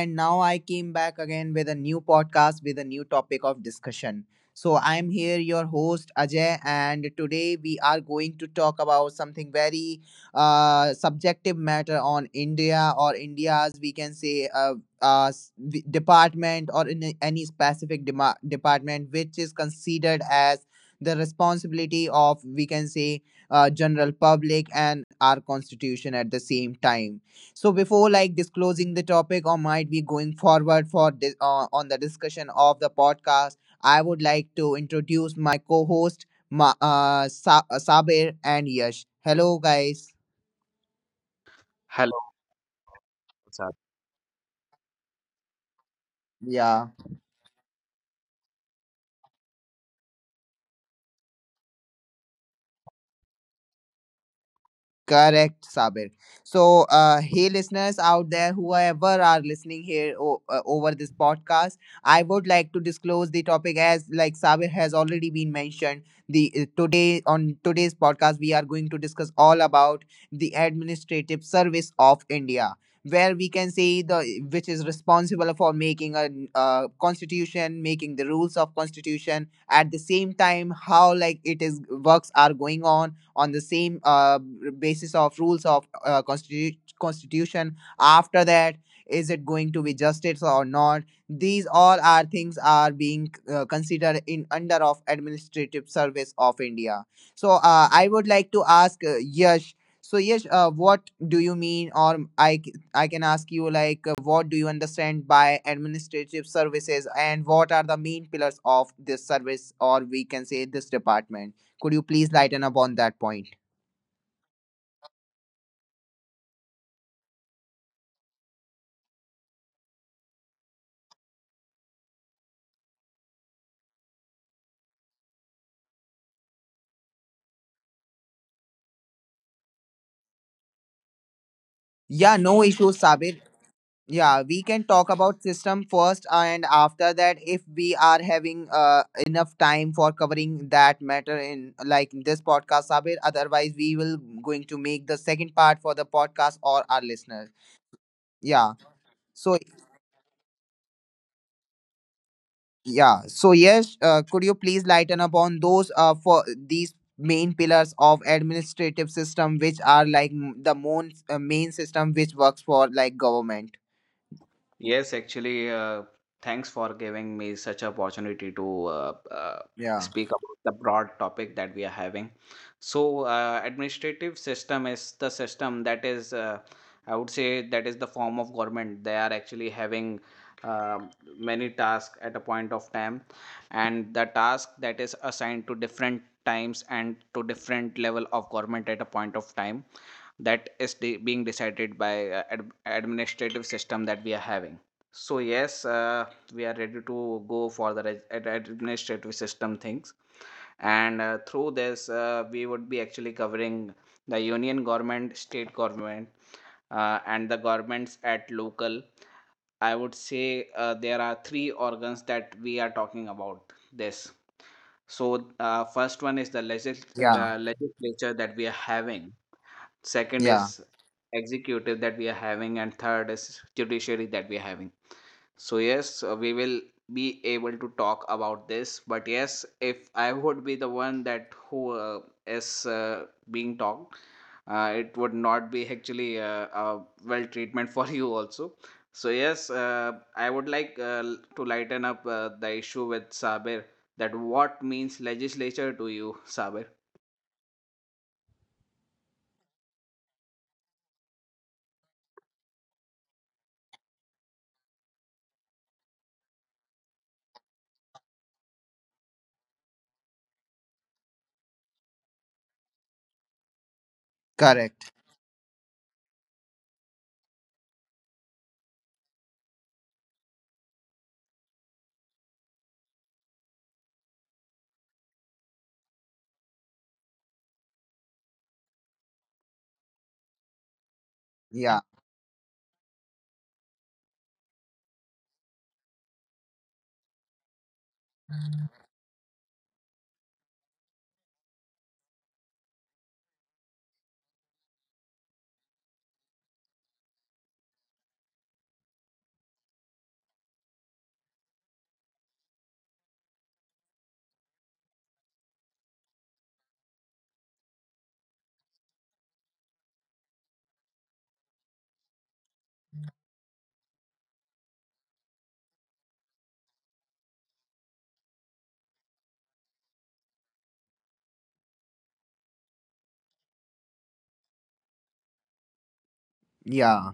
And now I came back again with a new podcast with a new topic of discussion. So I'm here, your host Ajay, and today we are going to talk about something very subjective matter on India or India's, we can say, the department or in any specific department which is considered as the responsibility of, we can say, general public and our constitution at the same time. So before, like, disclosing the topic or might be going forward for this on the discussion of the podcast, I would like to introduce my co-host Sabir and Yash. Hello guys. Hello, what's up? Yeah. Correct, Sabir. So, hey, listeners out there, whoever are listening here over this podcast, I would like to disclose the topic as like Sabir has already been mentioned. The today on today's podcast, we are going to discuss all about the administrative service of India, where we can say the which is responsible for making a constitution, making the rules of constitution. At the same time, how like it is works are going on the same basis of rules of constitution. After that, is it going to be justice or not, these all are things are being considered in under of administrative service of India. So I would like to ask Yash. So Yash, what do you mean, or i c- I can ask you like, what do you understand by administrative services and what are the main pillars of this service, or we can say this department? Could you please lighten up on that point? Yeah, no issues, Sabir. Yeah, we can talk about system first, and after that, if we are having enough time for covering that matter in like in this podcast, Sabir. Otherwise, we will going to make the second part for the podcast or our listeners. Yeah. So yeah. So yes, could you please lighten up on those for these main pillars of administrative system, which are like the main main system which works for like government. Yes, actually, thanks for giving me such opportunity to Yeah. speak about the broad topic that we are having. So, administrative system is the system that is, I would say, that is the form of government. They are actually having um many tasks at a point of time, and the task that is assigned to different times and to different level of government at a point of time that is being decided by administrative system that we are having. So yes, we are ready to go for the administrative system things, and through this, we would be actually covering the union government, state government, and the governments at local. I would say there are three organs that we are talking about this. So first one is the Yeah, legislature that we are having, second yeah, is executive that we are having, and third is judiciary that we are having. So yes, we will be able to talk about this. But yes, if I would be the one that who is being talked, it would not be actually a well treatment for you also. So yes, I would like to lighten up the issue with Sabir, that what means legislature to you, Sabir? correct. Yeah, yeah.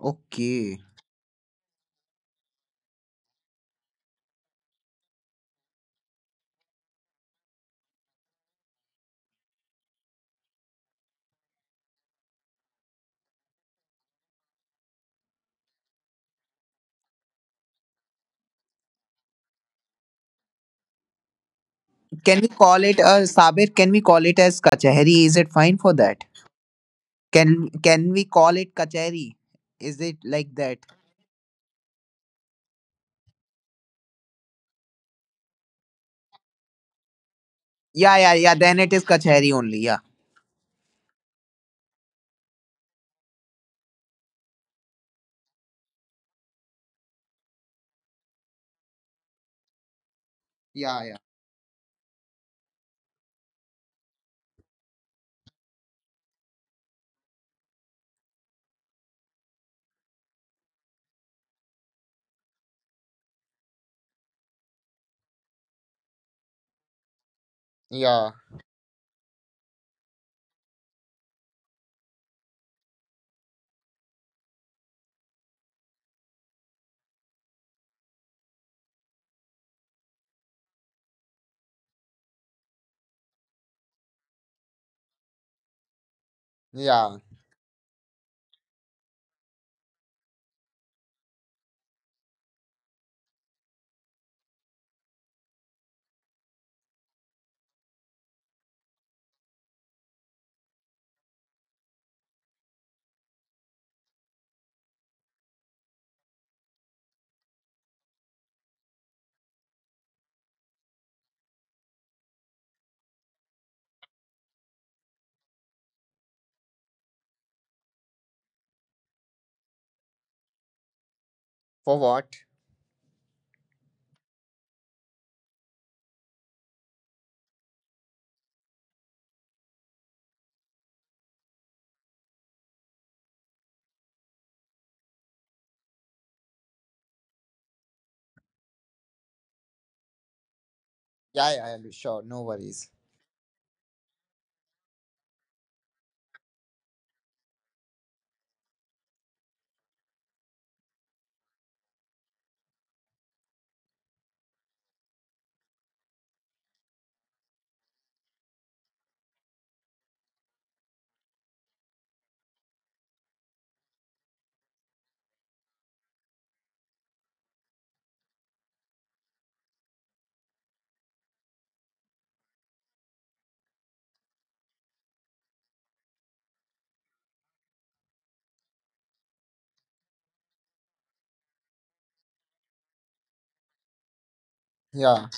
Okay. Can we call it Sabir? Can we call it as Kachahari? Is it fine for that? Can we call it Kachahari? Is it like that? Yeah, yeah, yeah. Then it is Kachahari only. Yeah. Yeah, yeah, yeah, yeah. For what? Yeah, yeah, yeah. Sure, no worries. Yeah,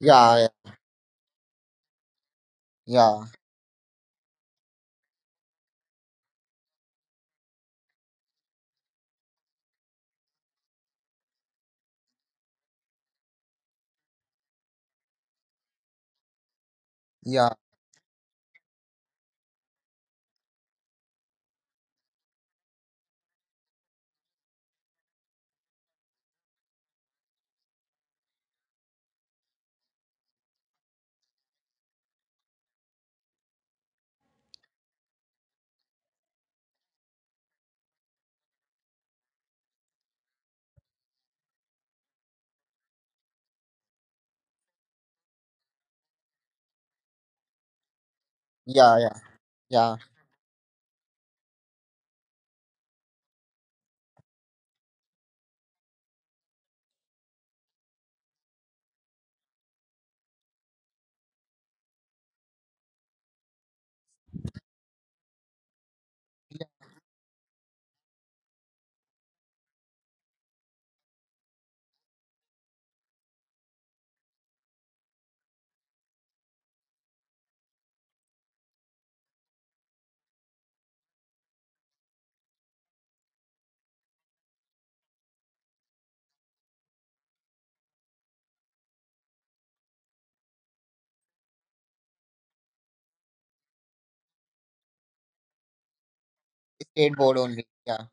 yeah, yeah, yeah, yeah, yeah, yeah. Yeah. Skateboard only. Yeah,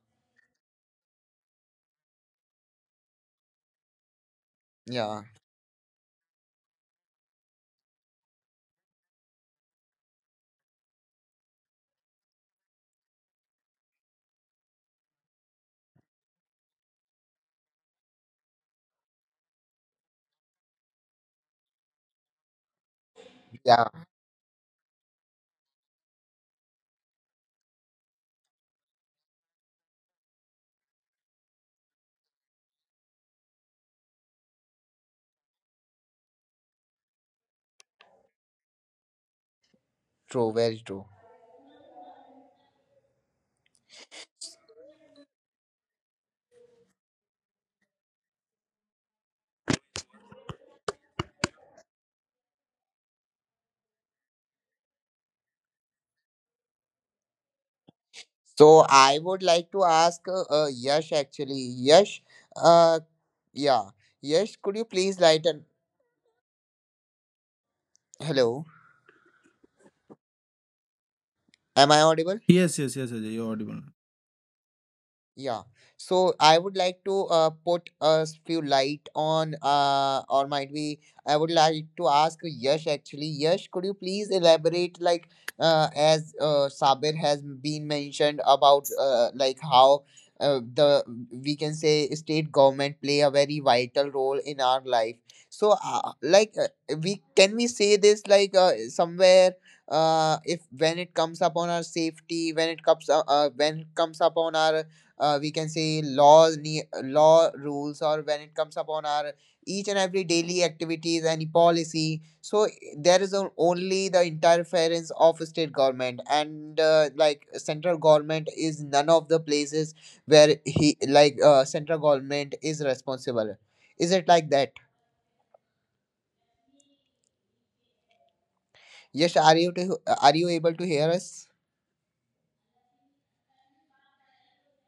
yeah, yeah. True, very true. So I would like to ask Yash actually. Yash, uh, yeah. Yash, could you please lighten? Hello, am I audible? Yes, yes, yes, Ajay, you're audible. Yeah. So I would like to put a few light on, or might be, I would like to ask Yash actually. Yash, could you please elaborate, like, as Sabir has been mentioned about, like, how the, we can say, state government play a very vital role in our life. So, like, we can we say this, like, somewhere if when it comes upon our safety, when it comes upon our we can say law law rules, or when it comes upon our each and every daily activities and policy, so there is only the interference of state government and like central government is none of the places where he like central government is responsible. Is it like that? Yes, are you to, are you able to hear us?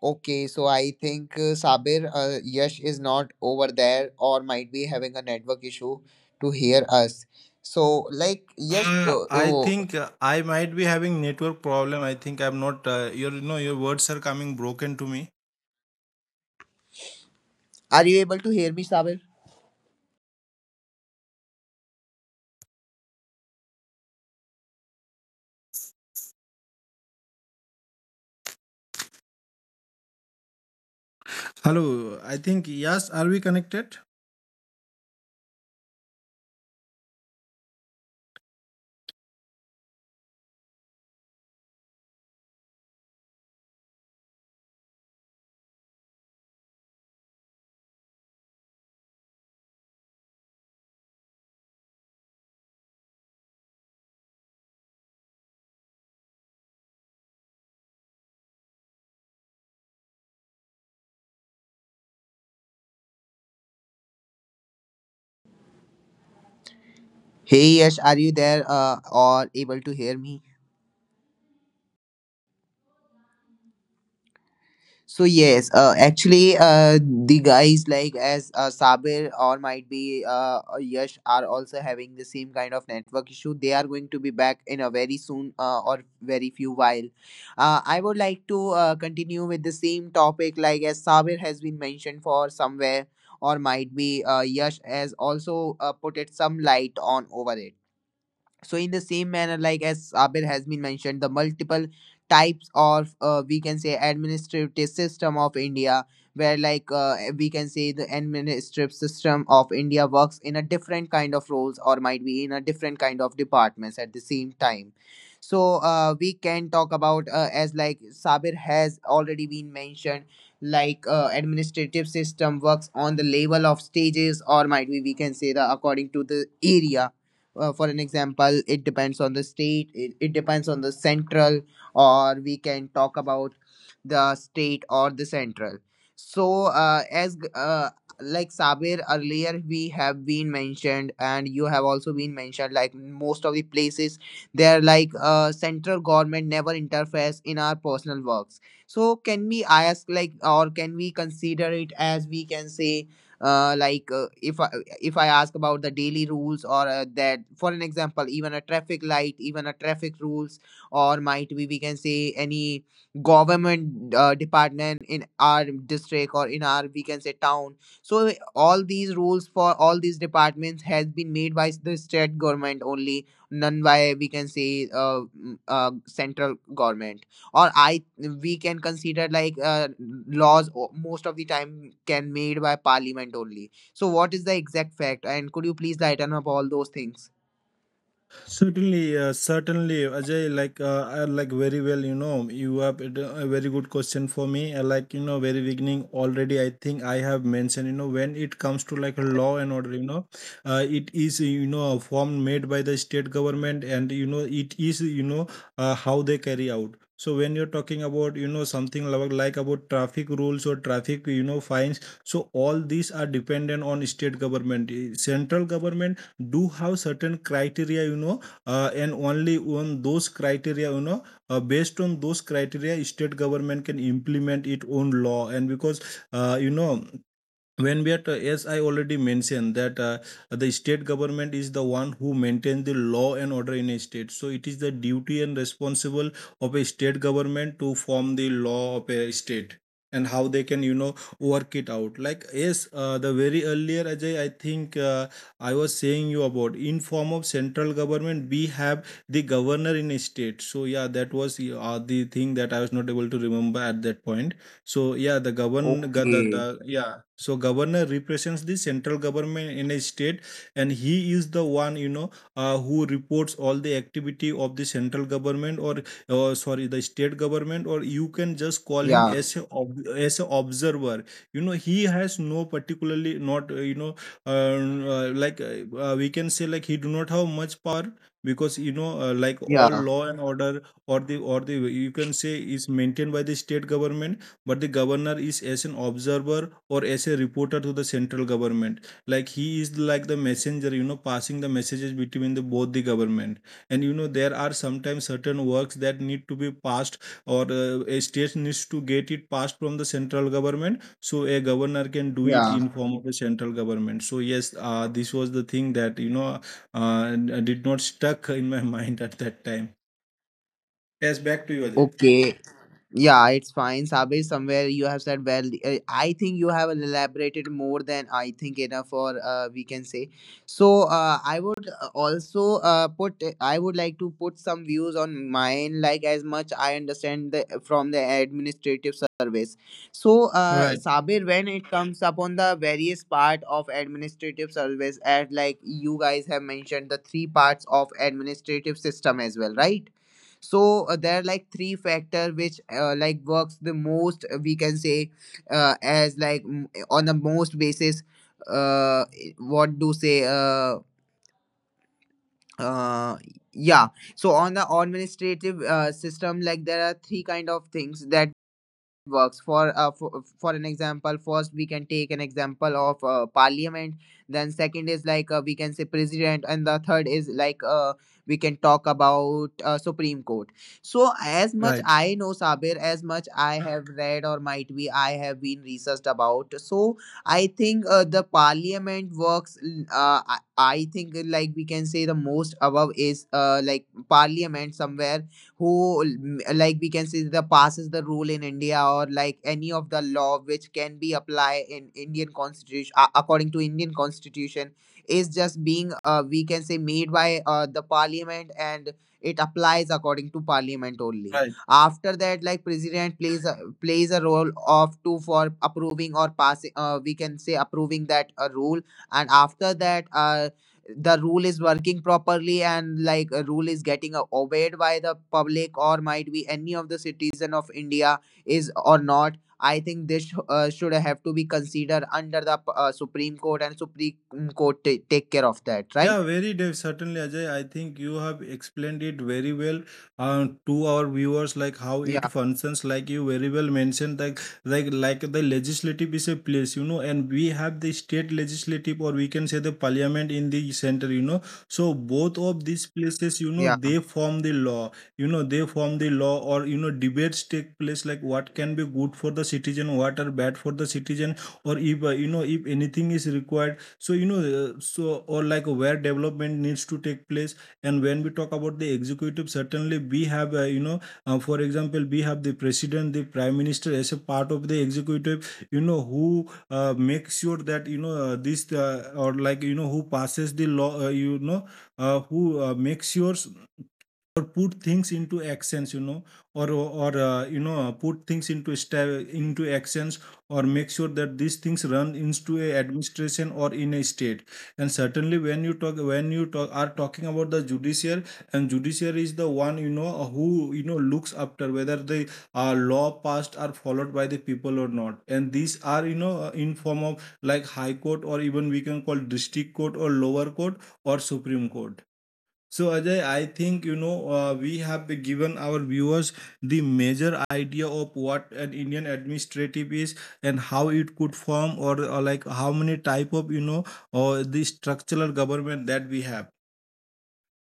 Okay, so I think Sabir, Yash is not over there or might be having a network issue to hear us. So, like, Yash, I oh, think I might be having network problem. I think I'm not. Your, no, your words are coming broken to me. are you able to hear me, Sabir? Hello. I think yes. Are we connected? Hey Yash, are you there or able to hear me? So yes, actually, the guys like as Sabir or might be Yash are also having the same kind of network issue. They are going to be back in a very soon or very few while. I would like to continue with the same topic like as Sabir has been mentioned for somewhere or might be Yash has also put it some light on over it. So, in the same manner, like as Abir has been mentioned, the multiple types of we can say administrative system of India, where like we can say the administrative system of India works in a different kind of roles or might be in a different kind of departments at the same time. So we can talk about as like Sabir has already been mentioned, like administrative system works on the level of stages or might be we can say the according to the area. For an example, it depends on the state, it depends on the central, or we can talk about the state or the central. So as like Sabir, earlier we have been mentioned and you have also been mentioned like most of the places, they're like central government never interferes in our personal works. So can we ask like or can we consider it as we can say like if I ask about the daily rules or that, for an example, even a traffic light, even a traffic rules, or might be we can say any government department in our district or in our we can say town. So all these rules for all these departments has been made by the state government only, none by we can say central government, or I we can consider like laws most of the time can made by parliament only. So what is the exact fact and could you please lighten up all those things? Certainly, certainly, Ajay. I like very well. You have a very good question for me. Very beginning already. I think I have mentioned. When it comes to law and order, it is a form made by the state government, and it is how they carry out. So when you're talking about something like about traffic rules or traffic fines, so all these are dependent on state government. Central government do have certain criteria and only on those criteria based on those criteria state government can implement its own law. And because uh, you know when we are as I already mentioned that the state government is the one who maintains the law and order in a state, so it is the duty and responsible of a state government to form the law of a state and how they can work it out. The very earlier, Ajay, I think I was saying you about in form of central government we have the governor in a state. So yeah, that was the thing that I was not able to remember at that point. So yeah, the Okay. Governor represents the central government in a state, and he is the one who reports all the activity of the central government, or sorry, the state government, or you can just call him Yeah, as a observer. He has no particularly not you know like we can say, like, he do not have much power because all yeah, law and order, or the, you can say, is maintained by the state government, but the governor is as an observer or as a reporter to the central government, like he is like the messenger, passing the messages between the both the government. And there are sometimes certain works that need to be passed, or a state needs to get it passed from the central government, so a governor can do it yeah. in form of the central government. So yes, this was the thing that uh, did not stuck in my mind at that time. Yes, back to you, Ajay. Okay. Yeah, it's fine. Sabe, somewhere you have said well. I think you have elaborated more than I think enough, or we can say. So I would also put. Eh, I would like to put some views on mine, like as much I understand the from the administrative service. So Right, Sabir, when it comes upon the various part of administrative service, as like you guys have mentioned, the three parts of administrative system as well, right? So there are like three factor which like works the most we can say as like on the most basis uh what do say uh yeah. So on the administrative system, like there are three kind of things that works for an example, first we can take an example of parliament, then second is like we can say president, and the third is like we can talk about supreme court. So as much right, I know Sabir, as much I have read or might be I have been researched about, so I think the parliament works. I think like we can say the most above is like parliament somewhere who like we can say the passes the rule in India or like any of the law which can be applied in Indian constitution according to Indian constitution is just being we can say made by the parliament and it applies according to parliament only. right. After that, like president plays a, plays a role of two for approving or passing, we can say approving that a rule. And after that the rule is working properly and like a rule is getting obeyed by the public or might be any of the citizen of India is or not, I think this should have to be considered under the supreme court, and supreme court take care of that, right? Yeah, very dev certainly, Ajay. I think you have explained it very well to our viewers, like how it Yeah, functions. Like you very well mentioned, like the legislative is a place, you know, and we have the state legislative, or we can say the parliament in the center, you know. So both of these places, you know, yeah. they form the law. You know, they form the law, or you know, debates take place, like what can be good for the citizen, what are bad for the citizen, or if you know if anything is required, so so or like where development needs to take place. And when we talk about the executive, certainly we have for example, we have the president, the prime minister as a part of the executive, who makes sure that you know this or like you know who passes the law, who makes sure, put things into actions, you know or you know put things into actions, or make sure that these things run into a administration or in a state. And certainly when you talk are talking about the judiciary, and judiciary is the one, who looks after whether the law passed are followed by the people or not, and these are in form of like high court, or even we can call district court, or lower court, or supreme court. So Ajay, I think, we have given our viewers the major idea of what an Indian administrative is and how it could form, or like how many type of you know or the structural government that we have.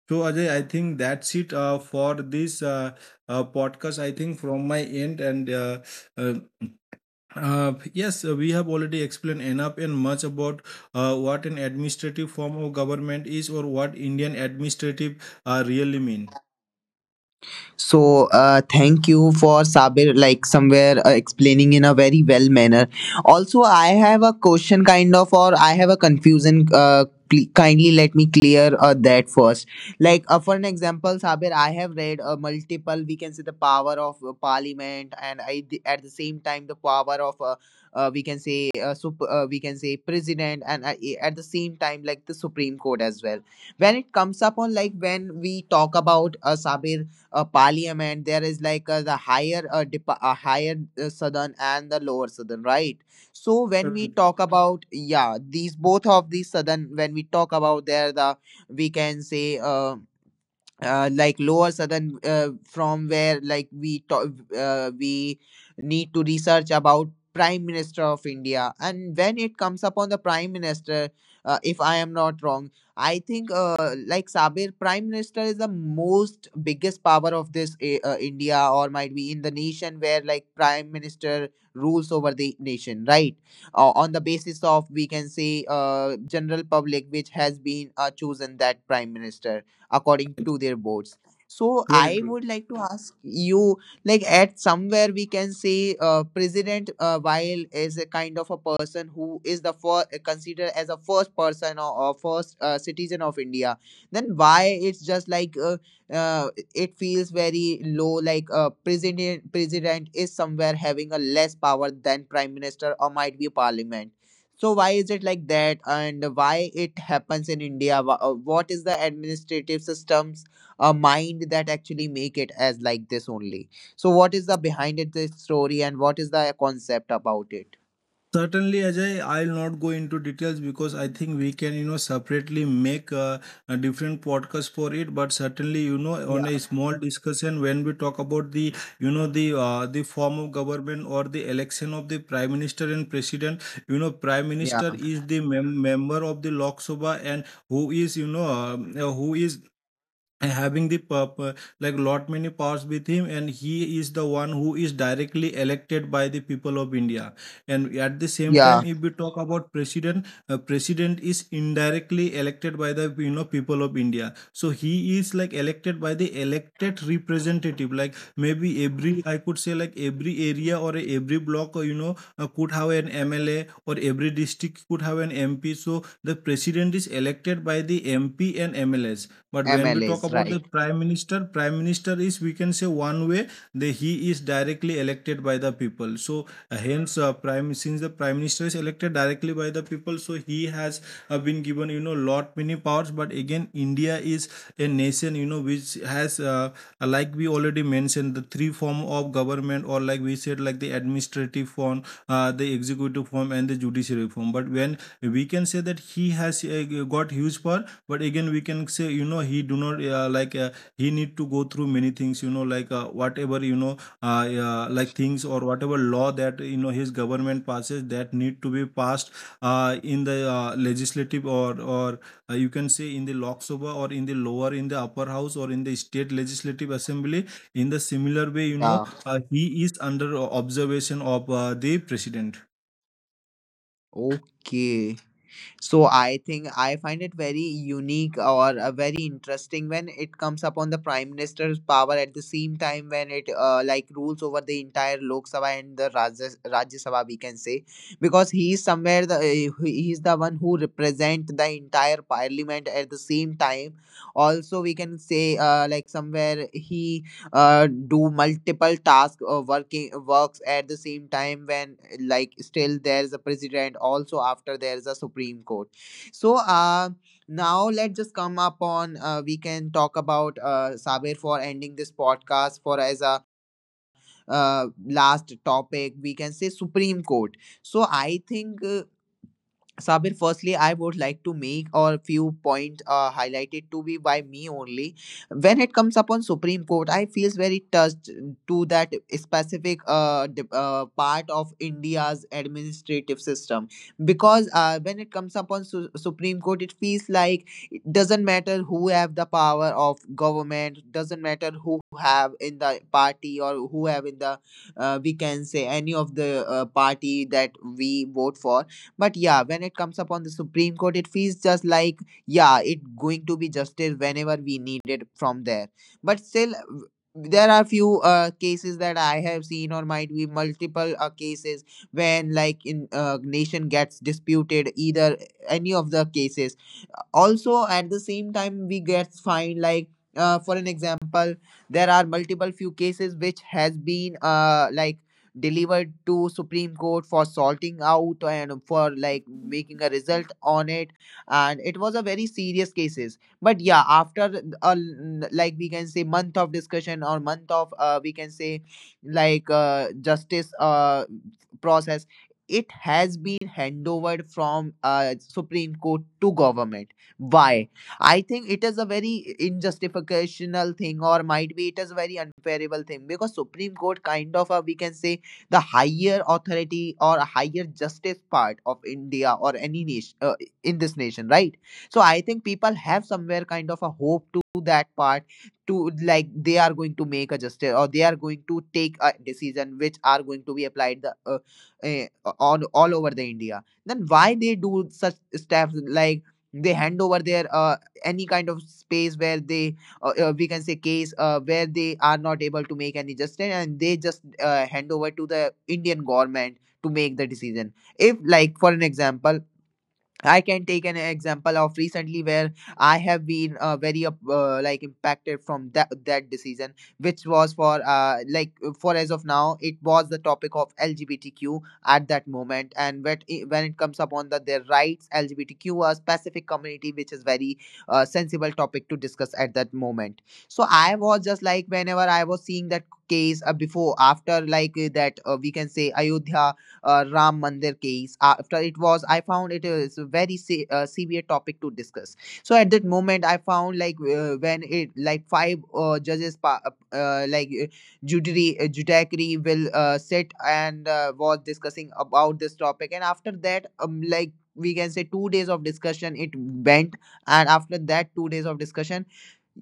So Ajay, I think that's it for this podcast. I think from my end. And uh, yes, we have already explained enough and much about what an administrative form of government is, or what Indian administrative really mean. So thank you for Sabir, like somewhere explaining in a very well manner. Also, I have a question kind of, or I have a confusion. Kindly let me clear that first, like for an example Sabir, I have read multiple, we can say, the power of parliament and at the same time the power of we can say we can say president and at the same time, like the supreme court as well. When it comes upon, like when we talk about Sabir parliament, there is like the higher higher southern and the lower southern, right? So when we Correct. talk about, yeah, these both of these southern, when we talk about there, the, we can say like lower southern, from where like we need to research about prime minister of India. And when it comes upon the prime minister, if I am not wrong, I think like Sabir, prime minister is the most biggest power of this India or might be in the nation, where like prime minister rules over the nation, right? On the basis of, we can say, general public which has been chosen that prime minister according It's to their boards. So very I true. would like to ask you, like at somewhere we can say president Weil is a kind of a person who is the first considered as a first person or first citizen of India. Then why it's just like it feels very low, like president, president is somewhere having a less power than prime minister or might be parliament. So why is it like that, and why it happens in India? What is the administrative systems mind that actually make it as like this only? So what is the behind it this story, and what is the concept about it? Certainly, Ajay, I'll not go into details because I think we can, you know, separately make a different podcast for it. But certainly, you know, on Yeah, a small discussion when we talk about the, you know, the form of government or the election of the prime minister and president. You know, prime yeah, minister is the member of the Lok Sabha, and who is, who is and having the lot many powers with him, and he is the one who is directly elected by the people of India. And at the same time, yeah. if we talk about president, president is indirectly elected by the, you know, people of India, so he is like elected by the elected representative, like maybe every, I could say, like every area or every block, or could have an MLA, or every district could have an MP. So the president is elected by the MP and MLs. But when we talk MLAs, about the right? prime minister, prime minister is, we can say, one way that he is directly elected by the people. So hence prime since the prime minister is elected directly by the people, so he has been given, lot many powers. But again, India is a nation, you know, which has we already mentioned the three form of government, or like we said, like the administrative form, the executive form, and the judiciary form. But when we can say that he has got huge power, but again we can say, you know, he do not he need to go through many things, you know, whatever things or whatever law that, you know, his government passes, that need to be passed in the legislative, or you can say in the Lok Sabha, or in the upper house, or in the state legislative assembly. In the similar way, Yeah. He is under observation of the president. Okay. So I think I find it very unique or very interesting when it comes upon the prime minister's power at the same time, when it like rules over the entire Lok Sabha and the Rajya Sabha, we can say, because he is somewhere the he is the one who represent the entire parliament at the same time. Also, we can say like somewhere he do multiple tasks working works at the same time, when like still there's a president, also after there's a supreme court. So now let's just come up on, we can talk about Sabir, for ending this podcast for as a last topic, we can say, supreme court. So I think Sabir, firstly, I would like to make a few points highlighted to be by me only. When it comes upon Supreme Court, I feels very touched to that specific part of India's administrative system, because when it comes upon Supreme Court, it feels like it doesn't matter who have the power of government, doesn't matter who have in the party or who have in the we can say any of the party that we vote for. But yeah, when it comes upon the Supreme Court, it feels just like, yeah, it going to be justice whenever we need it from there. But still, there are few cases that I have seen, or might be multiple cases when like in nation gets disputed either any of the cases. Also, at the same time, we get fined like. For an example, there are multiple few cases which has been like delivered to Supreme Court for sorting out and for like making a result on it, and it was a very serious cases. But yeah, after like we can say month of discussion or month of we can say like justice process. It has been handovered from Supreme Court to government. Why? I think it is a very injustificational thing, or might be it is a very unfavorable thing, because Supreme Court kind of a, we can say, the higher authority or a higher justice part of India or any nation in this nation, right? So I think people have somewhere kind of a hope to that part to like they are going to make a justice or they are going to take a decision which are going to be applied eh, on all over the India. Then why they do such steps like they hand over their any kind of space where they we can say case where they are not able to make any justice and they just hand over to the Indian government to make the decision. If like for an example, I can take an example of recently where I have been very like impacted from that that decision, which was for like for as of now, it was the topic of LGBTQ at that moment, and when when it comes upon the their rights, LGBTQ, a specific community which is very sensible topic to discuss at that moment. So I was just like, whenever I was seeing that case before after like that we can say Ayodhya Ram Mandir case. After it was, I found it is a very severe topic to discuss. So at that moment, I found like when it like five judges, like judiciary, judiciary will sit and was discussing about this topic, and after that, like we can say two days of discussion it went. And after that two days of discussion,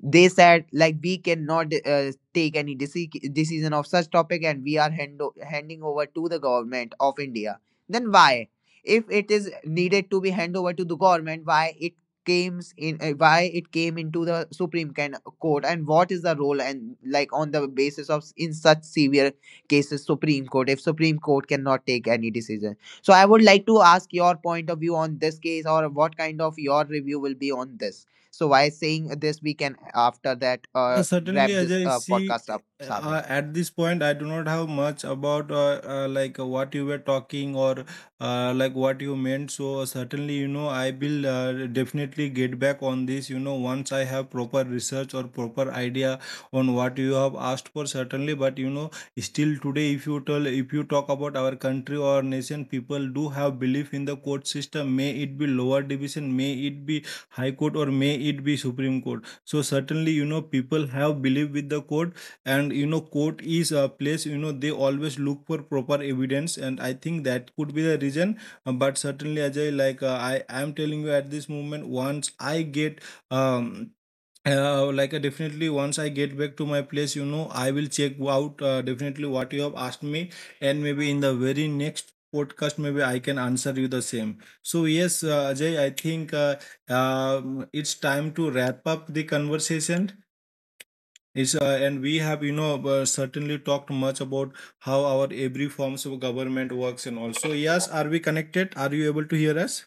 they said like we cannot take any decision of such topic and we are handing over to the government of India. Then why, if it is needed to be hand over to the government, why it came in why it came into the supreme court? And what is the role, and like on the basis of in such severe cases supreme court, if supreme court cannot take any decision? So I would like to ask your point of view on this case, or what kind of your review will be on this. So, by saying this, we can after that Certainly, wrap this Ajay, see, podcast up, Sabir. At this point, I do not have much about what you were talking, or like what you meant. So certainly, you know, I will definitely get back on this. You know, once I have proper research or proper idea on what you have asked for, certainly. But you know, still today, if you tell, if you talk about our country or nation, people do have belief in the court system. May it be lower division, may it be high court, or may it be supreme court. So certainly, you know, people have believed with the court, and you know, court is a place, you know, they always look for proper evidence, and I think that could be the reason. But certainly, Ajay, I am telling you at this moment, once I get um definitely, once I get back to my place, you know, I will check out, definitely, what you have asked me, and maybe in the very next podcast, maybe I can answer you the same. So yes, Ajay, I think it's time to wrap up the conversation. And we have, you know, certainly talked much about how our every forms of government works and all. So yes, are we connected? Are you able to hear us?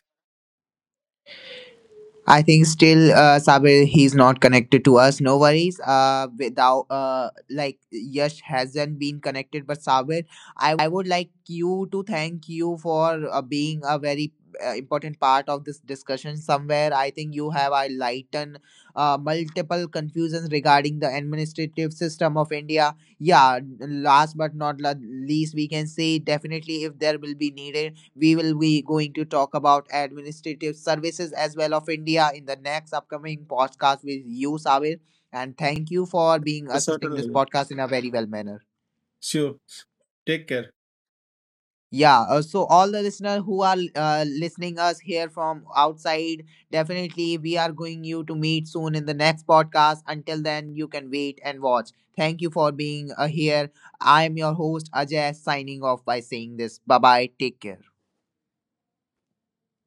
I think still, Sabir, he's not connected to us. No worries. Without, like Yash hasn't been connected, but Sabir, I would like you to thank you for being a very important part of this discussion. Somewhere, I think you have enlightened multiple confusions regarding the administrative system of India. Yeah, last but not least, we can say definitely if there will be needed we will be going to talk about administrative services as well of India in the next upcoming podcast with you, Sabir. And thank you for being assisting this Certainly. podcast in a very well manner. Sure, take care. Yeah, so all the listeners who are listening us here from outside, definitely we are going you to meet soon in the next podcast. Until then, you can wait and watch. Thank you for being here. I am your host Ajay signing off by saying this. Bye bye. Take care.